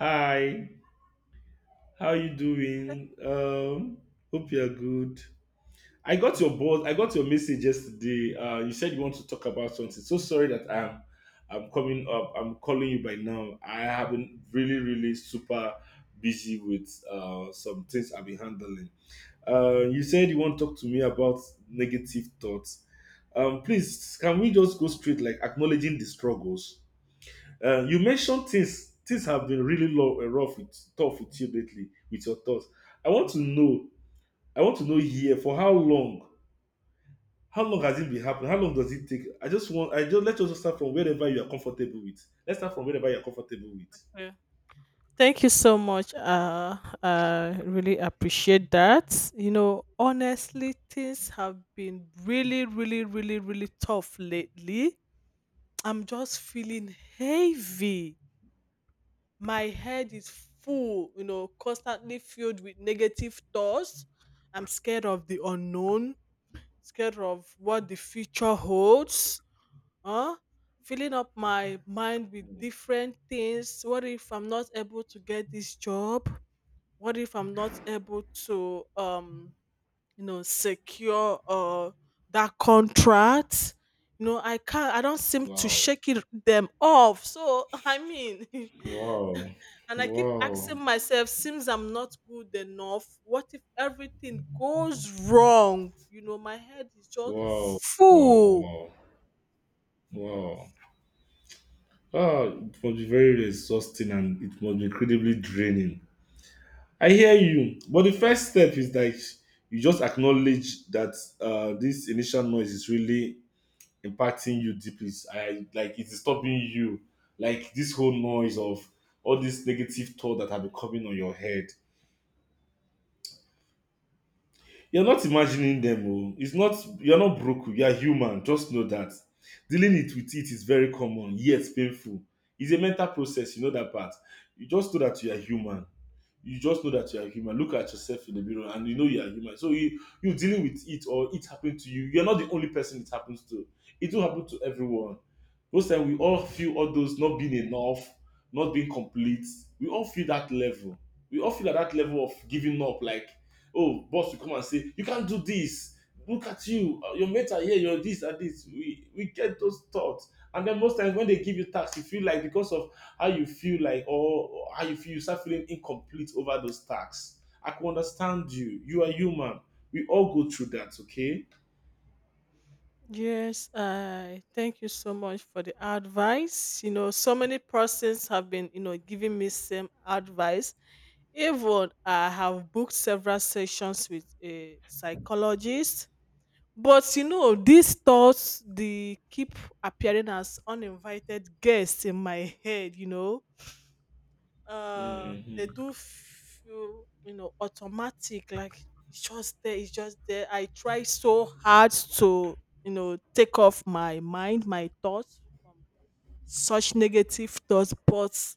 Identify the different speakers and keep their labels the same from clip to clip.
Speaker 1: Hi, how you doing? Hope you're good. I got your boss. I got your message yesterday. You said you want to talk about something. So sorry that I'm coming up. I'm calling you by now. I have been really, really super busy with some things I've been handling. You said you want to talk to me about negative thoughts. Please, can we just go straight like acknowledging the struggles? You mentioned things have been really low, rough with tough with you lately with your thoughts. I want to know. I want to know here for how long. How long has it been happening? How long does it take? I just want. I just let us start from wherever you are comfortable with. Let's start from wherever you are comfortable with.
Speaker 2: Yeah. Thank you so much. I really appreciate that. You know, honestly, things have been really tough lately. I'm just feeling heavy. My head is full, you know, constantly filled with negative thoughts. I'm scared of the unknown, scared of what the future holds. Huh? Filling up my mind with different things. What if I'm not able to get this job? What if I'm not able to you know secure that contract, you know? I can't, I don't seem to
Speaker 1: Wow!
Speaker 2: shake them off, so
Speaker 1: Wow!
Speaker 2: and I keep
Speaker 1: Wow!
Speaker 2: asking myself, seems I'm not good enough. What if everything goes wrong? You know, my head is just
Speaker 1: Wow! Wow!
Speaker 2: full.
Speaker 1: Wow! Wow!
Speaker 2: Yes.
Speaker 1: Ah, it must be very exhausting, and it must be incredibly draining. I hear you, but the first step is that you just acknowledge that this initial noise is really impacting you deeply. I like it's disturbing you, like this whole noise of all these negative thoughts that have been coming on your head. You're not imagining them. Oh. It's not You're not broken. You're human. Just know that dealing it with it is very common, yet painful. It's a mental process. You know that part. You just know that you are human. You just know that you are human. Look at yourself in the mirror and you know you are human. So you dealing with it or it happened to you. You're not the only person it happens to. It will happen to everyone. Most time we all feel all those not being enough, not being complete. We all feel that level. We all feel at that level of giving up. Like, oh, boss will come and say, you can't do this. Look at you. Your mates are here. You're this and this. We get those thoughts, and then most times when they give you tasks, you feel like because of how you feel like or how you feel, you start feeling incomplete over those tasks. I can understand you. You are human. We all go through that, okay?
Speaker 2: Yes, I thank you so much for the advice. You know, so many persons have been, you know, giving me same advice. Even I have booked several sessions with a psychologist. But you know, these thoughts, they keep appearing as uninvited guests in my head, you know. They
Speaker 1: Hmm.
Speaker 2: do feel, you know, automatic. Like it's just there, it's just there. I try so hard to, you know, take off my mind, my thoughts from such negative thoughts, but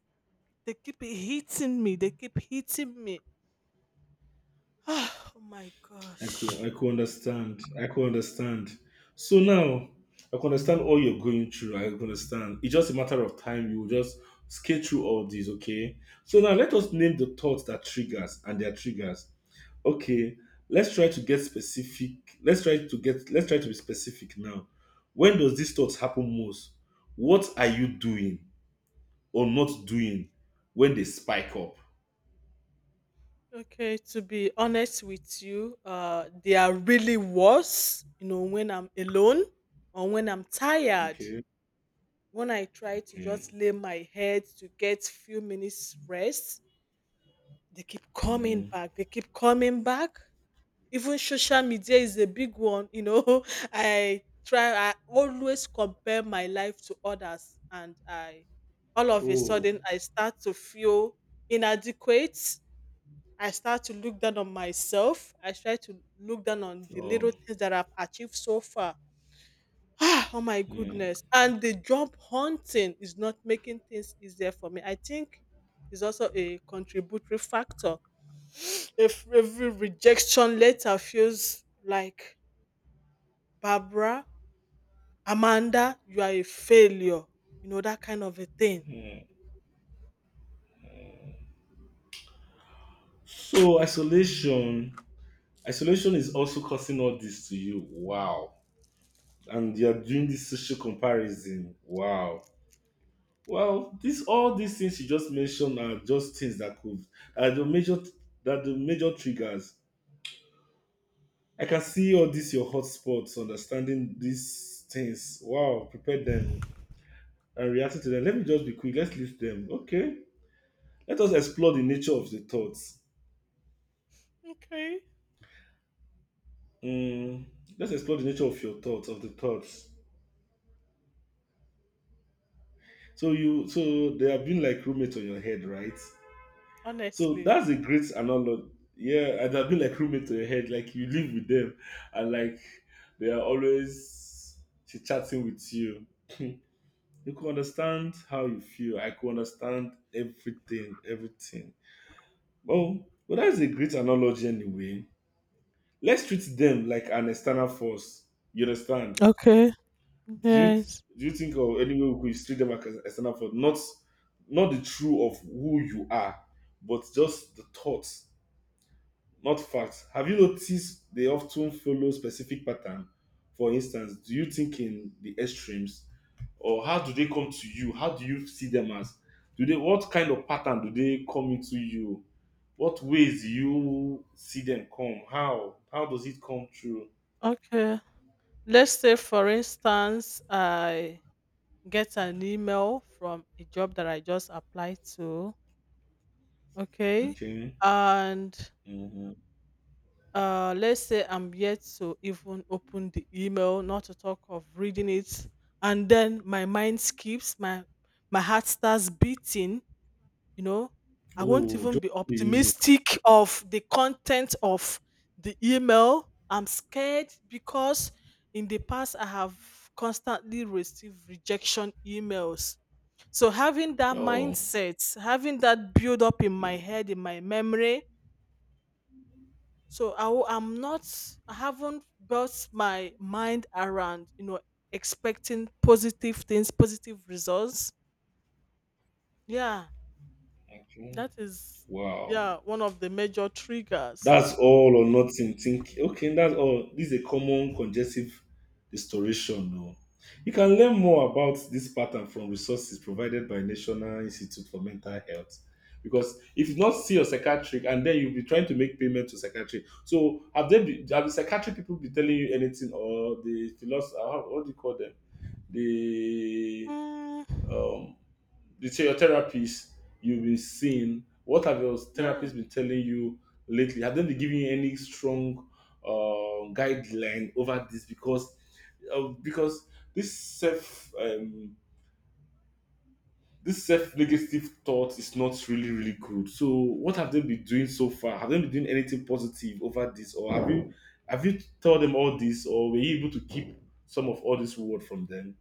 Speaker 2: they keep hitting me, they keep hitting me. Oh my
Speaker 1: I could
Speaker 2: gosh.
Speaker 1: I could understand. I could understand. So now I could understand all you're going through. I could understand. It's just a matter of time. You will just skate through all these, okay? So now let us name the thoughts that triggers and their triggers. Okay, let's try to get specific. Let's try to be specific now. When does these thoughts happen most? What are you doing or not doing when they spike up?
Speaker 2: Okay, to be honest with you, they are really worse, you know, when I'm alone or when I'm tired.
Speaker 1: Okay.
Speaker 2: When I try to
Speaker 1: Okay.
Speaker 2: just lay my head to get few minutes rest, they keep coming
Speaker 1: Hmm.
Speaker 2: back. They keep coming back. Even social media is a big one. You know, I try. I always compare my life to others, and I, all of a
Speaker 1: Oh.
Speaker 2: sudden, I start to feel inadequate. I start to look down on myself. I try to look down on the little
Speaker 1: Oh.
Speaker 2: things that I've achieved so far. Ah, oh my goodness.
Speaker 1: Hmm.
Speaker 2: And the job hunting is not making things easier for me. I think it's also a contributory factor. If every rejection letter feels like, Barbara, Amanda, you are a failure. You know, that kind of a thing.
Speaker 1: So isolation. Isolation is also causing all this to you. Wow. And you're doing this social comparison. Wow. Well, this all these things you just mentioned are just things that could are the major triggers. I can see all this your hotspots, understanding these things. Wow, prepare them and reacting to them. Let me just be quick. Let's list them. Okay. Let us explore the nature of the thoughts.
Speaker 2: Okay.
Speaker 1: Mm, let's explore the nature of the thoughts. So you so they have been like roommates on your head, right? So
Speaker 2: Honestly.
Speaker 1: that's a great analogy. Yeah, and I've been like roommate to your head, like you live with them, and like they are always chatting with you. You could understand how you feel. I could understand everything, everything. Oh, well, that's a great analogy anyway. Let's treat them like an external force. You understand?
Speaker 2: Okay.
Speaker 1: Do you
Speaker 2: Yes.
Speaker 1: do you think of any way we could treat them like an external force? Not the true of who you are, but just the thoughts, not facts. Have you noticed they often follow specific pattern? For instance, do you think in the extremes, or how do they come to you? How do you see them as? Do they What kind of pattern do they come into you? What ways do you see them come? How does it come through?
Speaker 2: Okay. Let's say, for instance, I get an email from a job that I just applied to. Okay.
Speaker 1: Okay.
Speaker 2: And
Speaker 1: Mm-hmm.
Speaker 2: let's say I'm yet to even open the email, not to talk of reading it. And then my mind skips, my heart starts beating, you know. I won't
Speaker 1: Oh,
Speaker 2: even
Speaker 1: just
Speaker 2: be
Speaker 1: the image.
Speaker 2: optimistic of the content of the email. I'm scared because in the past I have constantly received rejection emails. So having that
Speaker 1: Oh,
Speaker 2: mindset, having that build up in my
Speaker 1: mm,
Speaker 2: head, in my memory. So I am not, I haven't built my mind around, you know, expecting positive things, positive results. Yeah,
Speaker 1: okay.
Speaker 2: that is,
Speaker 1: Wow.
Speaker 2: yeah, one of the major triggers.
Speaker 1: That's all or nothing. Think okay, that's all. This is a common congestive restoration. No. You can learn more about this pattern from resources provided by National Institute for Mental Health. Because if you not see your psychiatric, and then you'll be trying to make payment to psychiatric. Have the psychiatric people be telling you anything, or the philosopher, what do you call them? The
Speaker 2: Mm,
Speaker 1: um you say your therapist you've been seeing, what have your
Speaker 2: yeah.
Speaker 1: therapist been telling you lately? Have they been giving you any strong guideline over this, because this self negative thought is not really really good? So what have they been doing so far? Have they been doing anything positive over this, or have you told them all this, or were you able to keep some of all this word from them?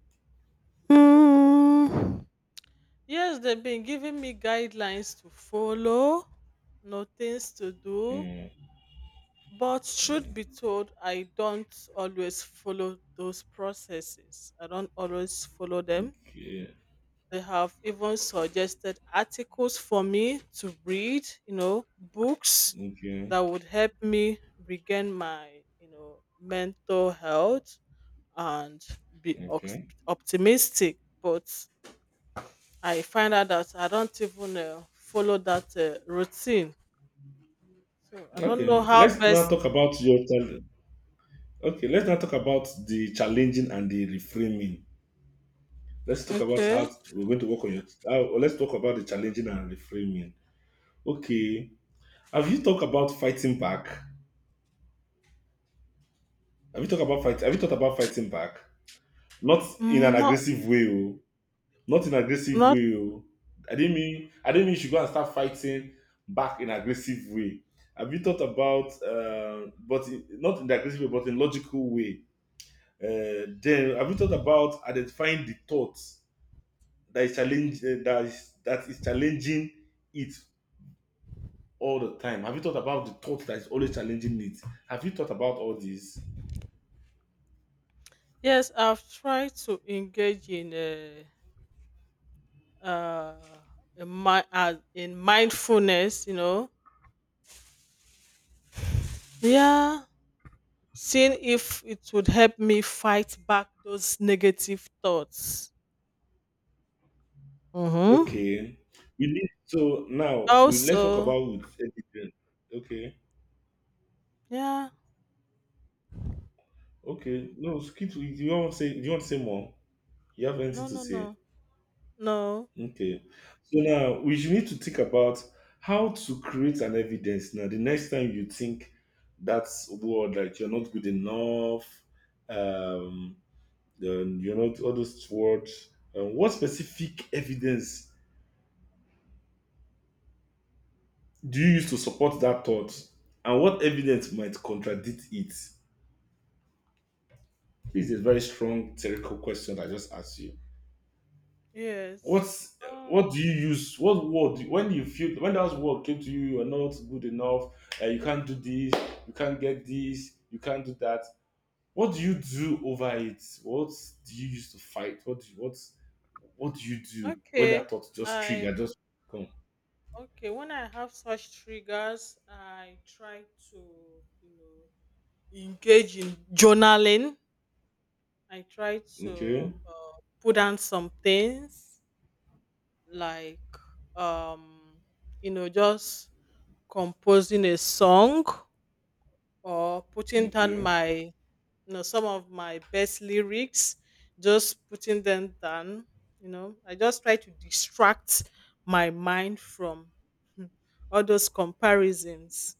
Speaker 2: Mm. Yes, they've been giving me guidelines to follow, no, things to do.
Speaker 1: Mm,
Speaker 2: But truth be
Speaker 1: mm,
Speaker 2: told, I don't always follow those processes. I don't always follow them.
Speaker 1: okay.
Speaker 2: They have even suggested articles for me to read, you know, books
Speaker 1: Okay.
Speaker 2: that would help me regain my, you know, mental health and be
Speaker 1: Okay.
Speaker 2: optimistic. But I find out that I don't even follow that routine. So I don't know
Speaker 1: Okay,
Speaker 2: how
Speaker 1: let's now
Speaker 2: best.
Speaker 1: talk about your challenge. Okay, let's now talk about the challenging and the reframing. Let's talk about
Speaker 2: Okay.
Speaker 1: we're going to work on your. Let's talk about the challenging and reframing. Okay, have you talked about fighting back? Have you talked about fight? Have you thought about fighting back? Not in
Speaker 2: Mm,
Speaker 1: an
Speaker 2: not,
Speaker 1: aggressive way, oh. Not in aggressive
Speaker 2: not,
Speaker 1: way, oh. I didn't mean you should go and start fighting back in aggressive way. Have you thought about, but not in the aggressive way, but in logical way? Then have you thought about identifying the thoughts that is challenge that is challenging it all the time? Have you thought about the thought that is always challenging it? Have you thought about all this?
Speaker 2: yes, I've tried to engage in a, uh, in mindfulness, you know. Yeah, seeing if it would help me fight back those negative thoughts. Mm-hmm.
Speaker 1: Okay, we need so now we let's talk
Speaker 2: Also,
Speaker 1: about with education. Okay,
Speaker 2: yeah,
Speaker 1: okay. No, skip. Do you want to say? Do you want to say more? You have anything
Speaker 2: no,
Speaker 1: to
Speaker 2: no,
Speaker 1: say?
Speaker 2: no, no,
Speaker 1: Okay. So now we should need to think about how to create an evidence. Now, the next time you think that's word like you're not good enough, um, then you're not all those words. What specific evidence do you use to support that thought, and what evidence might contradict it? This is a very strong theoretical question I just asked you.
Speaker 2: yes.
Speaker 1: What's
Speaker 2: Um,
Speaker 1: what do you use what word when you feel When that word came to you, you're not good enough, you can't do this, you can't get this, you can't do that, what do you do over it? Do you use to fight what do you, what what do you do when
Speaker 2: okay,
Speaker 1: that thought just
Speaker 2: I
Speaker 1: trigger just come?
Speaker 2: okay. When I have such triggers, I try to, you know, engage in journaling. I try to
Speaker 1: Okay.
Speaker 2: put down some things, like, um, you know, just composing a song or putting down
Speaker 1: Okay.
Speaker 2: my, you know, some of my best lyrics, just putting them down. You know, I just try to distract my mind from, hmm, all those comparisons,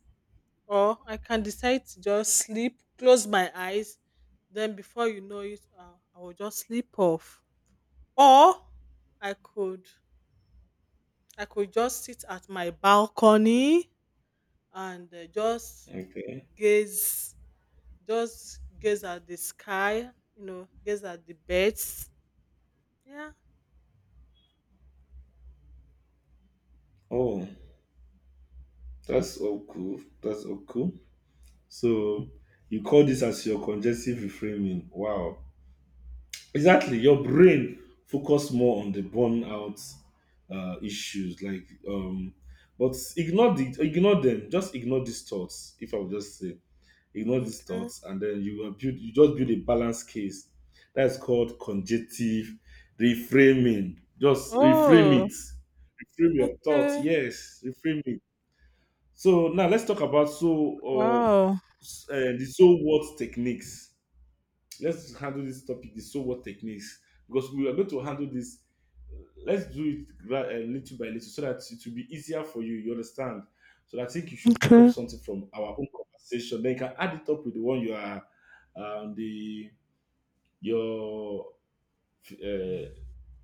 Speaker 2: or I can decide to just sleep, close my eyes, then before you know it, I will just sleep off. Or i could I could just sit at my balcony and just
Speaker 1: Okay.
Speaker 2: gaze just gaze at the sky, you know, gaze at the birds. Yeah.
Speaker 1: Oh, that's all cool. That's all cool. So you call this as your congestive reframing. Wow. Exactly, your brain focus more on the burnout issues like, but ignore them, just ignore these thoughts. If I would just say ignore these
Speaker 2: Okay.
Speaker 1: thoughts, and then you just build a balanced case. That's called conjective reframing. Just reframe
Speaker 2: Oh,
Speaker 1: it. Reframe your thoughts.
Speaker 2: okay.
Speaker 1: Yes, reframe it. So now let's talk about, so, um
Speaker 2: Wow.
Speaker 1: the so what techniques. Let's handle this topic, the so what techniques, because we are going to handle this. Let's do it little by little so that it will be easier for you, you understand. So I think you should pick up
Speaker 2: Okay.
Speaker 1: something from our own conversation, then you can add it up with the one you are, the your uh,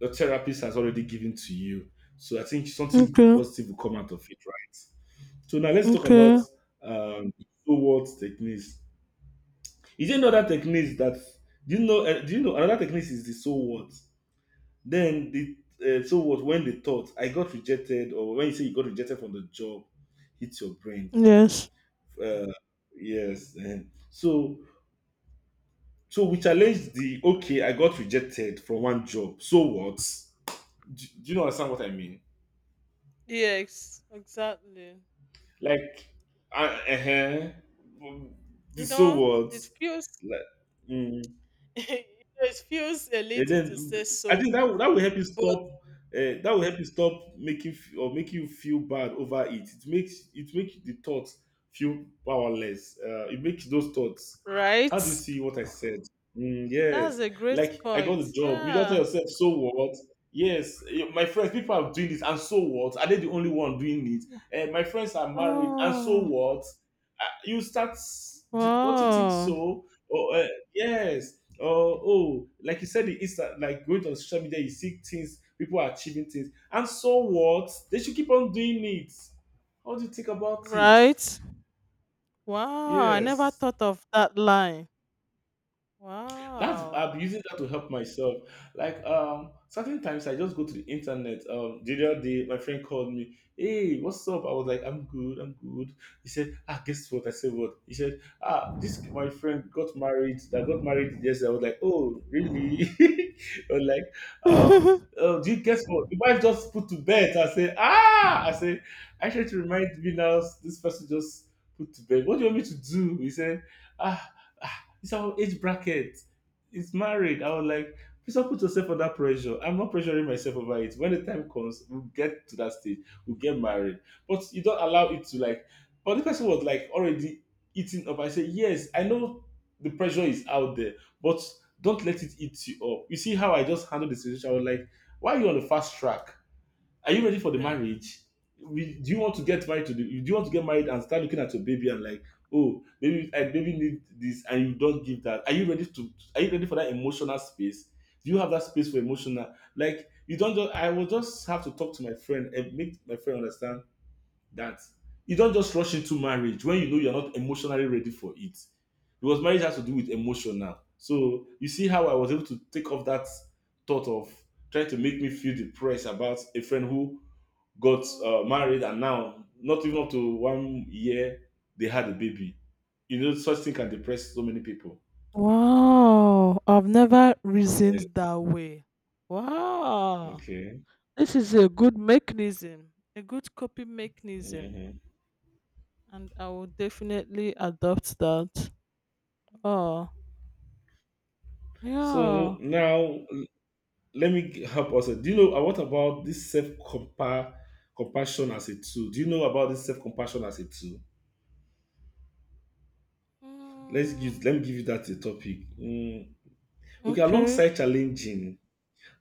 Speaker 1: your therapist has already given to you. So I think something
Speaker 2: Okay.
Speaker 1: positive will come out of it, right? So now let's talk about,
Speaker 2: Okay.
Speaker 1: um, so what techniques. Is there another technique that Do you know, do you know another technique is the so what? Then the so what, when the thought I got rejected, or when you say you got rejected from the job, hits your brain.
Speaker 2: Yes.
Speaker 1: Uh, yes. Eh. So we challenge the okay, I got rejected from one job. So what? Do you know understand what I mean?
Speaker 2: Yes, exactly.
Speaker 1: Like, uh-huh, the
Speaker 2: You
Speaker 1: so
Speaker 2: know,
Speaker 1: what?
Speaker 2: it feels
Speaker 1: Like, mm.
Speaker 2: it feels a
Speaker 1: And
Speaker 2: little to say
Speaker 1: then I
Speaker 2: so,
Speaker 1: think that that will help you stop.
Speaker 2: but,
Speaker 1: That will help you stop making or make you feel bad over it. It makes the thoughts feel powerless. It makes those thoughts. How do you
Speaker 2: right?
Speaker 1: see what I said? Mm, yes,
Speaker 2: That's a great
Speaker 1: like I got a
Speaker 2: point.
Speaker 1: job. You just tell
Speaker 2: Yeah.
Speaker 1: yourself, so what? Yes, eh, my friends, people are doing this, and so what? Are they the only one doing it? Eh, my friends are married, and so
Speaker 2: Oh,
Speaker 1: what? Ah, you start. Don't you think
Speaker 2: wow.
Speaker 1: so? Oh, yes or oh, like you said, it's like going on social media, you see things, people are achieving things, and so what? They should keep on doing it. How do you think about it?
Speaker 2: Right. Wow. I never
Speaker 1: Yes.
Speaker 2: thought of that line.
Speaker 1: That's
Speaker 2: Wow.
Speaker 1: I'm using that to help myself. Like certain times I just go to the internet. The other day my friend called me, hey, what's up? I was like, I'm good, I'm good. He said, ah, guess what? I said, what? He said, ah, this my friend got married, that got married yesterday. I was like, oh, really? I was like, oh, do you guess what? The wife just put to bed. I say, ah, I say, I tried to remind me now. This person just put to bed. What do you want me to do? He said, ah, ah, it's our age bracket, it's married. I was like, please don't put yourself under pressure. I'm not pressuring myself over it. When the time comes, we'll get to that stage. We'll get married. But you don't allow it to like. But the person was like already eating up. I said, yes, I know the pressure is out there, but don't let it eat you up. You see how I just handled the situation. I was like, why are you on the fast track? Are you ready for the
Speaker 2: Okay.
Speaker 1: marriage? We, do you want to get married to the? Do you want to get married and start looking at your baby and like, oh, baby, I baby need this, and you don't give that? Are you ready to? Are you ready for that emotional space? Do you have that space for emotional? Like you don't. Just, I will just have to talk to my friend and make my friend understand that you don't just rush into marriage when you know you're not emotionally ready for it, because marriage has to
Speaker 2: Hmm.
Speaker 1: do with emotion now. So you see how I was able to take off that thought of trying to make me feel depressed about a friend who got
Speaker 2: Okay.
Speaker 1: married and now not even up to 1 year they had a baby. You know such thing can depress so many people.
Speaker 2: Wow. I've never reasoned
Speaker 1: Yes.
Speaker 2: that way. Wow.
Speaker 1: Okay.
Speaker 2: This is a good mechanism, a good coping mechanism.
Speaker 1: Hmm.
Speaker 2: And I will definitely adopt that. Oh,
Speaker 1: So
Speaker 2: yeah.
Speaker 1: now let me help us, do you know what about this self compassion as a tool? Do you know about this self compassion as a tool? Let's
Speaker 2: Mm,
Speaker 1: give, let me give you that a topic. Mm. Okay,
Speaker 2: okay.
Speaker 1: alongside challenging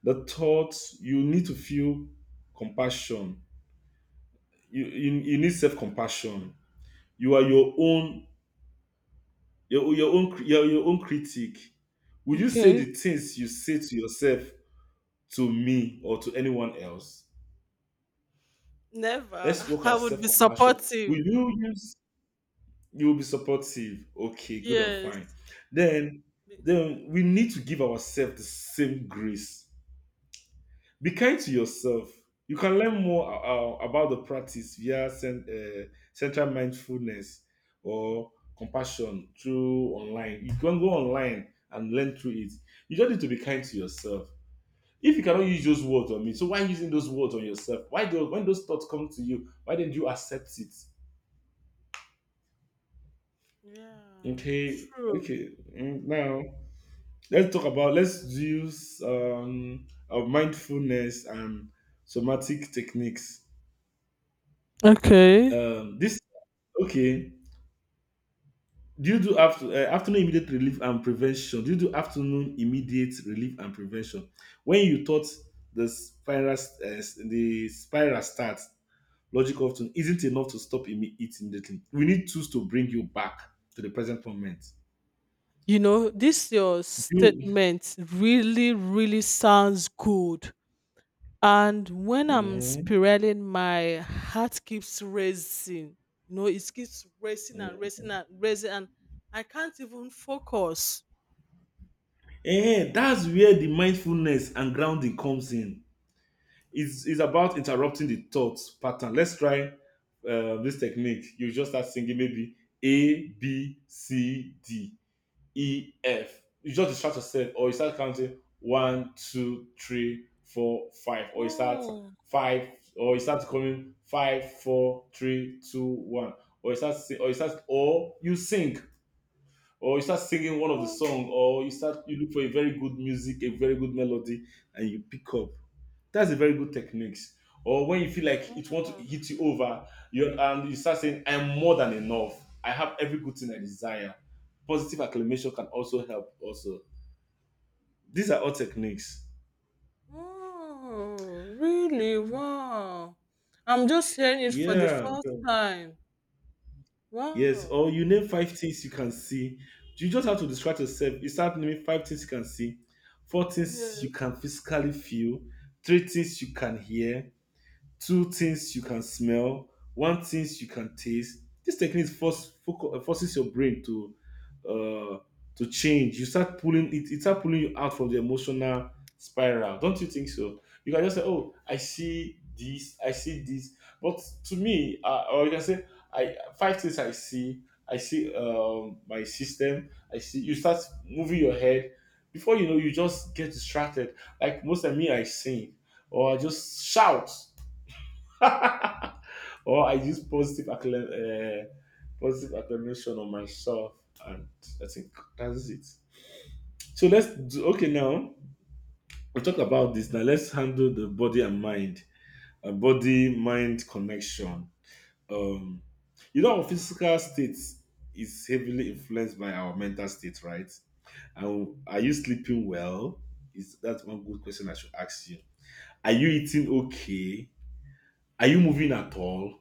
Speaker 1: the thoughts you need to feel compassion. You need self compassion. You are your own, your own your own critic. Would you say
Speaker 2: Okay.
Speaker 1: the things you say to yourself to me or to anyone else?
Speaker 2: Never.
Speaker 1: Let's work
Speaker 2: I
Speaker 1: at
Speaker 2: would be
Speaker 1: self-compassion.
Speaker 2: supportive.
Speaker 1: Will you use, you will be supportive. Okay, good and fine.
Speaker 2: Yes.
Speaker 1: then
Speaker 2: Be-
Speaker 1: then we need to give ourselves the same grace. Be kind to yourself. You can learn more about the practice via central mindfulness or compassion through online. You can go online and learn through it. You just need to be kind to yourself. If you cannot use those words on me, so why using those words on yourself? Why do, when those thoughts come to you, why didn't you accept it?
Speaker 2: Yeah.
Speaker 1: Okay,
Speaker 2: True.
Speaker 1: okay. Mm. Now let's talk about, let's use mindfulness and somatic techniques,
Speaker 2: Okay.
Speaker 1: this. Okay. Do you do after, afternoon immediate relief and prevention? Do you do afternoon immediate relief and prevention? When you thought the spiral starts, logic often isn't enough to stop it immediately. We need tools to bring you back to the present moment.
Speaker 2: You know, this your
Speaker 1: Do you?
Speaker 2: statement really, really sounds good. And when I'm
Speaker 1: Mhm.
Speaker 2: spiraling, my heart keeps racing. You know, it keeps racing and racing and racing, and I can't even focus.
Speaker 1: Eh, that's where the mindfulness and grounding comes in. It's about interrupting the thought pattern. Let's try this technique. You just start singing maybe A, B, C, D, E, F. You just distract yourself, or you start counting one, two, three, four, five, or you start
Speaker 2: Oh,
Speaker 1: five, or you start coming five, four, three, two, one, or you start, or you start, or you sing, or you start singing one of the
Speaker 2: oh,
Speaker 1: song, or you start, you look for a very good music, a very good melody, and you pick up, that's a very good techniques. Or when you feel like it want to
Speaker 2: oh!
Speaker 1: hit you over, you and you start saying, "I'm more than enough. I have every good thing I desire." Positive acclamation can also help. Also, these are all techniques.
Speaker 2: Mm, really? Wow. I'm just hearing it for the
Speaker 1: Yeah.
Speaker 2: first time.
Speaker 1: Yes.
Speaker 2: Wow.
Speaker 1: Or you name five things you can see. You just have to distract yourself. You start naming five things you can see, four things
Speaker 2: Yeah.
Speaker 1: you can physically feel, three things you can hear, two things you can smell, one things you can taste. This technique force, forces your brain uh, to change. You start pulling it. It start pulling you out from the emotional spiral. Don't you think so? You can just say, "Oh, I see this. I see this." But to me, or you can say, "I five things I see. I see my system. I see." You start moving your head. Before you know, you just get distracted. Like most of me, I sing or I just shout or I use positive positive acclamation on myself, and I think that's it. So let's do okay now. We talk about this now. Let's handle the body and mind, body mind connection. Um, you know, our physical state is heavily influenced by our mental state, right? And are you sleeping well? Is that's one good question I should ask you. Are you eating okay? Are you moving at all?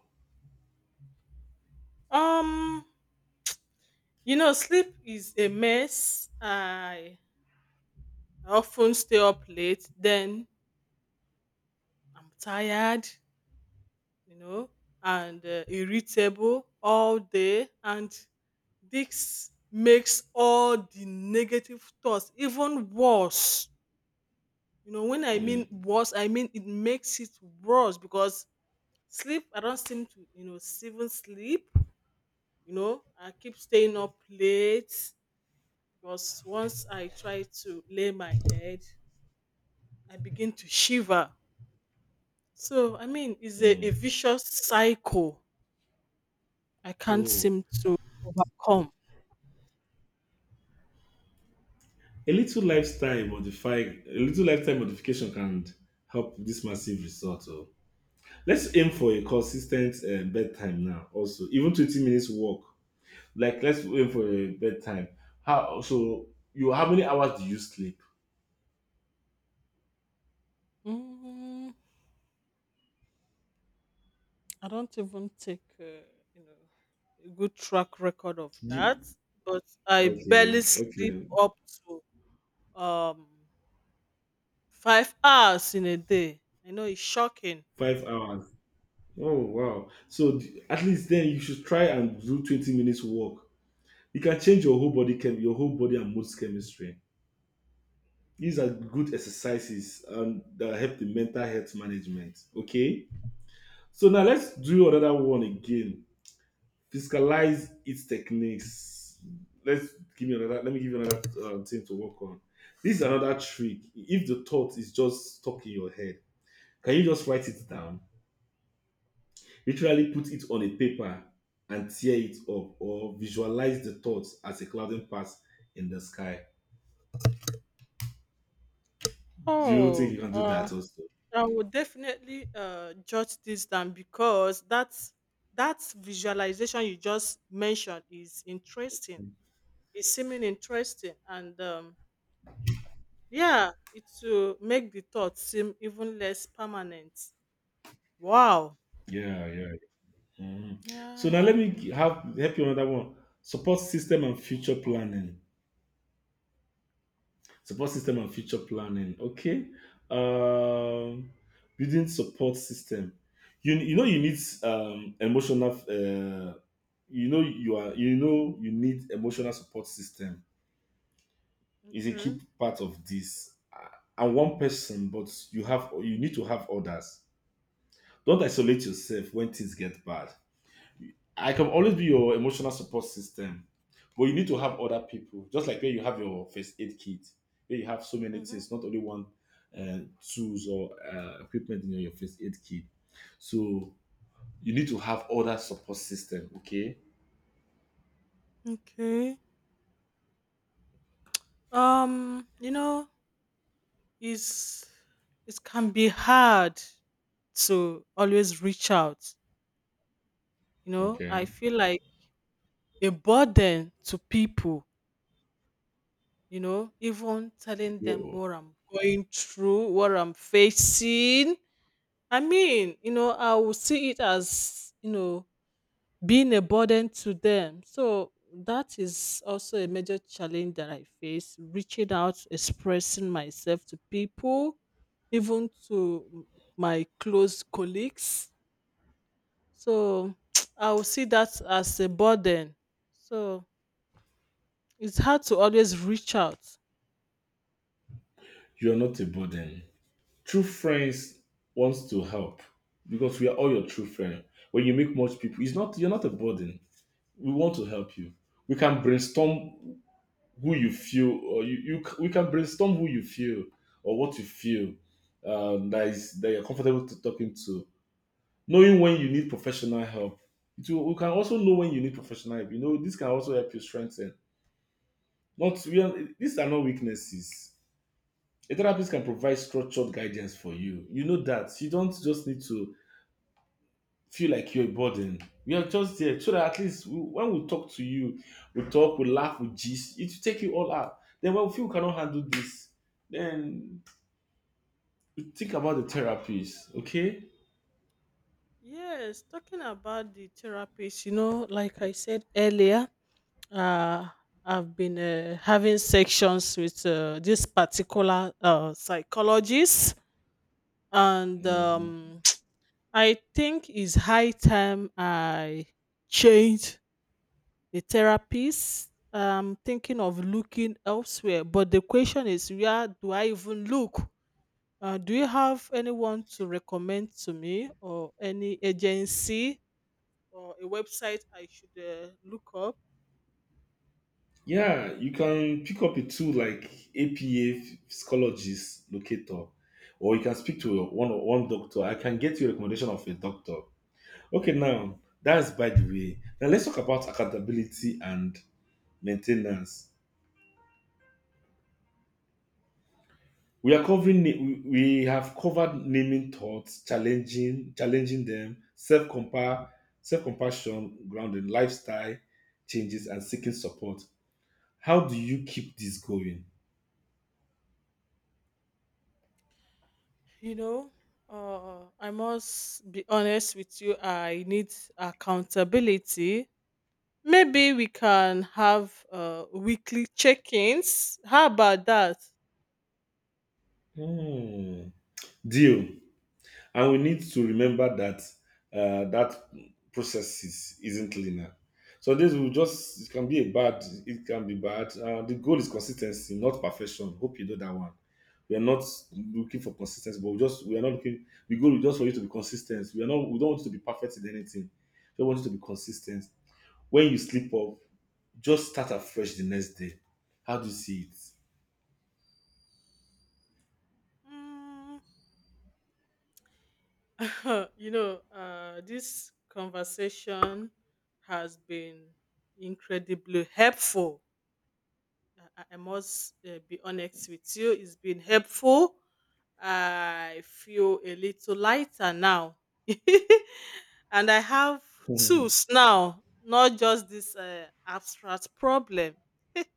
Speaker 2: Um, you know, sleep is a mess. I often stay up late, then I'm tired, you know, and irritable all day. And this makes all the negative thoughts even worse. You know, when I mean
Speaker 1: Mm,
Speaker 2: worse, I mean it makes it worse, because sleep, I don't seem to, you know, even sleep. You know, I keep staying up late because once I try to lay my head, I begin to shiver. So, I mean, it's a
Speaker 1: mm.
Speaker 2: vicious cycle I can't
Speaker 1: Oh.
Speaker 2: seem to overcome.
Speaker 1: A little lifestyle modify, a little lifestyle modification can help this massive result. Oh. Let's aim for a consistent bedtime now. Also, even 20 minutes walk. Like, let's aim for a bedtime. How so? You, how many hours do you sleep?
Speaker 2: Mm, I don't even take, you know, a good track record of
Speaker 1: Do
Speaker 2: that,
Speaker 1: you-
Speaker 2: but I barely
Speaker 1: okay,
Speaker 2: sleep
Speaker 1: okay,
Speaker 2: up to um 5 hours in a day. I know it's shocking.
Speaker 1: 5 hours. Oh wow! So at least then you should try and do 20 minutes walk. You can change your whole body your whole body and mood chemistry. These are good exercises that help the mental health management. Okay. So now let's do another one again. Fiscalize its techniques. Let's give me another. Let me give you another thing to work on. This is another trick. If the thought is just stuck in your head, can you just write it down? Literally put it on a paper and tear it up, or visualize the thoughts as a clouding path in the sky. Do you think
Speaker 2: Oh,
Speaker 1: you can do that also?
Speaker 2: I would definitely jot this down, because that's that visualization you just mentioned is interesting. It's seeming interesting, and, yeah, it will make the thought seem even less permanent. Wow.
Speaker 1: Yeah, yeah. Mm.
Speaker 2: Yeah.
Speaker 1: So now let me have help you on that one. Support system and future planning. Support system and future planning. Okay. Um, building support system. You know you need emotional. You know you are, you know you need emotional support system. Is a
Speaker 2: Okay.
Speaker 1: key part of this. And one person, but you have, you need to have others. Don't isolate yourself when things get bad. I can always be your emotional support system, but you need to have other people. Just like where you have your first aid kit, where you have so many
Speaker 2: Mm-hmm.
Speaker 1: things, not only one tools or equipment in your first aid kit. So you need to have other support system. Okay,
Speaker 2: Okay. You know, it's, it can be hard to always reach out. You know, I
Speaker 1: okay.
Speaker 2: feel like a burden to people, you know, even telling them
Speaker 1: you're
Speaker 2: what I'm going through, what I'm facing. I mean, you know, I will see it as, you know, being a burden to them. So that is also a major challenge that I face reaching out, expressing myself to people, even to my close colleagues. So I will see that as a burden. So it's hard to always reach out.
Speaker 1: you're not a burden. True friends wants to help because we are all your true friend. When you make much people, it's not, you're not a burden. We want to help you. We can brainstorm who you feel or you, we can brainstorm who you feel or what you feel, that is that you're comfortable to talking to, knowing when you need professional help. It will, we can also know when you need professional help. You know this can also help you strengthen, not we are, these are not weaknesses. A therapist can provide structured guidance for you. You know that you don't just need to feel like you're a burden. We are just there so that at least we, when we talk to you, we talk, we laugh, we gist. It will take you all out. Then when we feel we cannot handle this, then we think about the therapies. Okay.
Speaker 2: Yes, talking about the therapist, you know, like I said earlier, uh, I've been having sections with this particular psychologist, and
Speaker 1: Mhm.
Speaker 2: I think it's high time I change the therapist. I'm thinking of looking elsewhere, but the question is, where do I even look? Do you have anyone to recommend to me, or any agency or a website I should look up?
Speaker 1: Yeah, you can pick up a tool like APA psychologist locator, or you can speak to your one doctor. I can get you a recommendation of a doctor. Okay, now that's by the way. Now let's talk about accountability and maintenance. We are covering. We have covered naming thoughts, challenging them, self compare, self compassion, grounding lifestyle changes, and seeking support. How do you keep this going?
Speaker 2: You know, I must be honest with you. I need accountability. Maybe we can have weekly check-ins. How about that?
Speaker 1: Hmm. Deal. And we need to remember that that isn't linear. So this will just, it can be a bad, it can be bad. The goal is consistency, not perfection. Hope you know that one. We are not looking for consistency, but we just, we are not looking. The goal is just for you to be consistent. We are not. We don't want you to be perfect in anything. We want you to be consistent. When you sleep up, just start afresh the next day. How do you see it?
Speaker 2: Mm. You know, this conversation has been incredibly helpful. I must be honest with you. It's been helpful. I feel a little lighter now. And I have tools now, not just this abstract problem.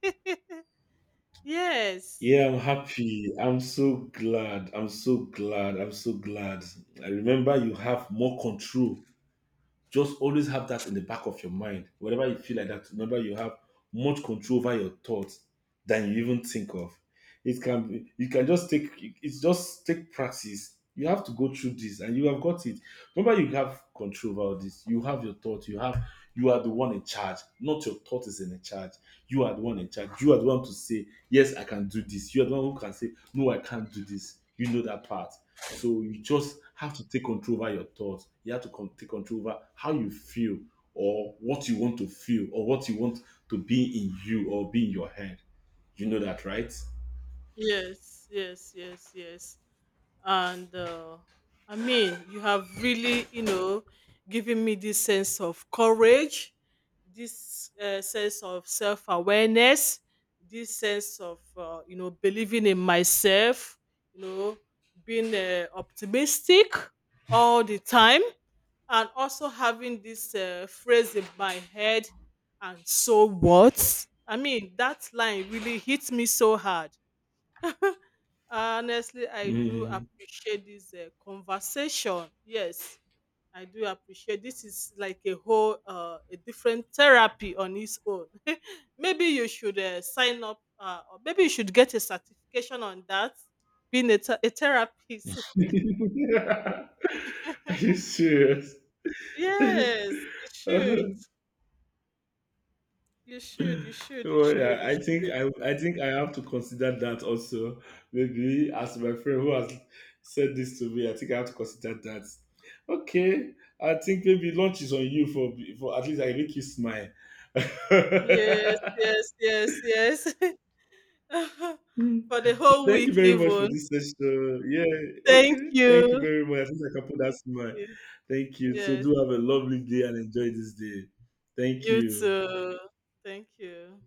Speaker 2: Yes,
Speaker 1: Yeah, I'm happy. I'm so glad. I'm so glad. I'm so glad. I remember you have more control, just always have that in the back of your mind. Whenever you feel like that, remember you have much control over your thoughts than you even think of. It can be, you can just take, it's just take practice. You have to go through this and you have got it. Remember, you have control over this. You have your thoughts. You have, you are the one in charge. Not your thought is in charge. You are the one in charge. You are the one to say, yes, I can do this. You are the one who can say, no, I can't do this. You know that part. So you just have to take control over your thoughts. You have to take control over how you feel or what you want to feel or what you want to be in you or be in your head. You know that, right?
Speaker 2: yes, yes, yes, yes. And I mean, you have really, you know, given me this sense of courage, this sense of self-awareness, this sense of, you know, believing in myself, you know, being, optimistic all the time, and also having this phrase in my head, and so what. I mean, that line really hit me so hard. Honestly, I do
Speaker 1: Mhm.
Speaker 2: appreciate this conversation. Yes, I do appreciate, this is like a whole a different therapy on its own. Maybe you should sign up, or maybe you should get a certification on that, being a, a therapist.
Speaker 1: Are you serious?
Speaker 2: Yes, you should. You should, you should, you
Speaker 1: Oh
Speaker 2: should,
Speaker 1: yeah,
Speaker 2: you should.
Speaker 1: I think I have to consider that also. Maybe as my friend who has said this to me, I think I have to consider that. Okay, I think maybe lunch is on you for at least I make you smile.
Speaker 2: Yes, yes, yes, yes.
Speaker 1: Hmm.
Speaker 2: For the
Speaker 1: So
Speaker 2: whole
Speaker 1: thank you
Speaker 2: week
Speaker 1: very much for
Speaker 2: even.
Speaker 1: this session. Yeah,
Speaker 2: Thank
Speaker 1: okay. Thank you
Speaker 2: you.
Speaker 1: very much. At least I can put that
Speaker 2: Thank
Speaker 1: smile.
Speaker 2: you.
Speaker 1: Thank you. So
Speaker 2: Yes.
Speaker 1: do have a lovely day and enjoy this day. Thank
Speaker 2: You
Speaker 1: you.
Speaker 2: too. Thank you.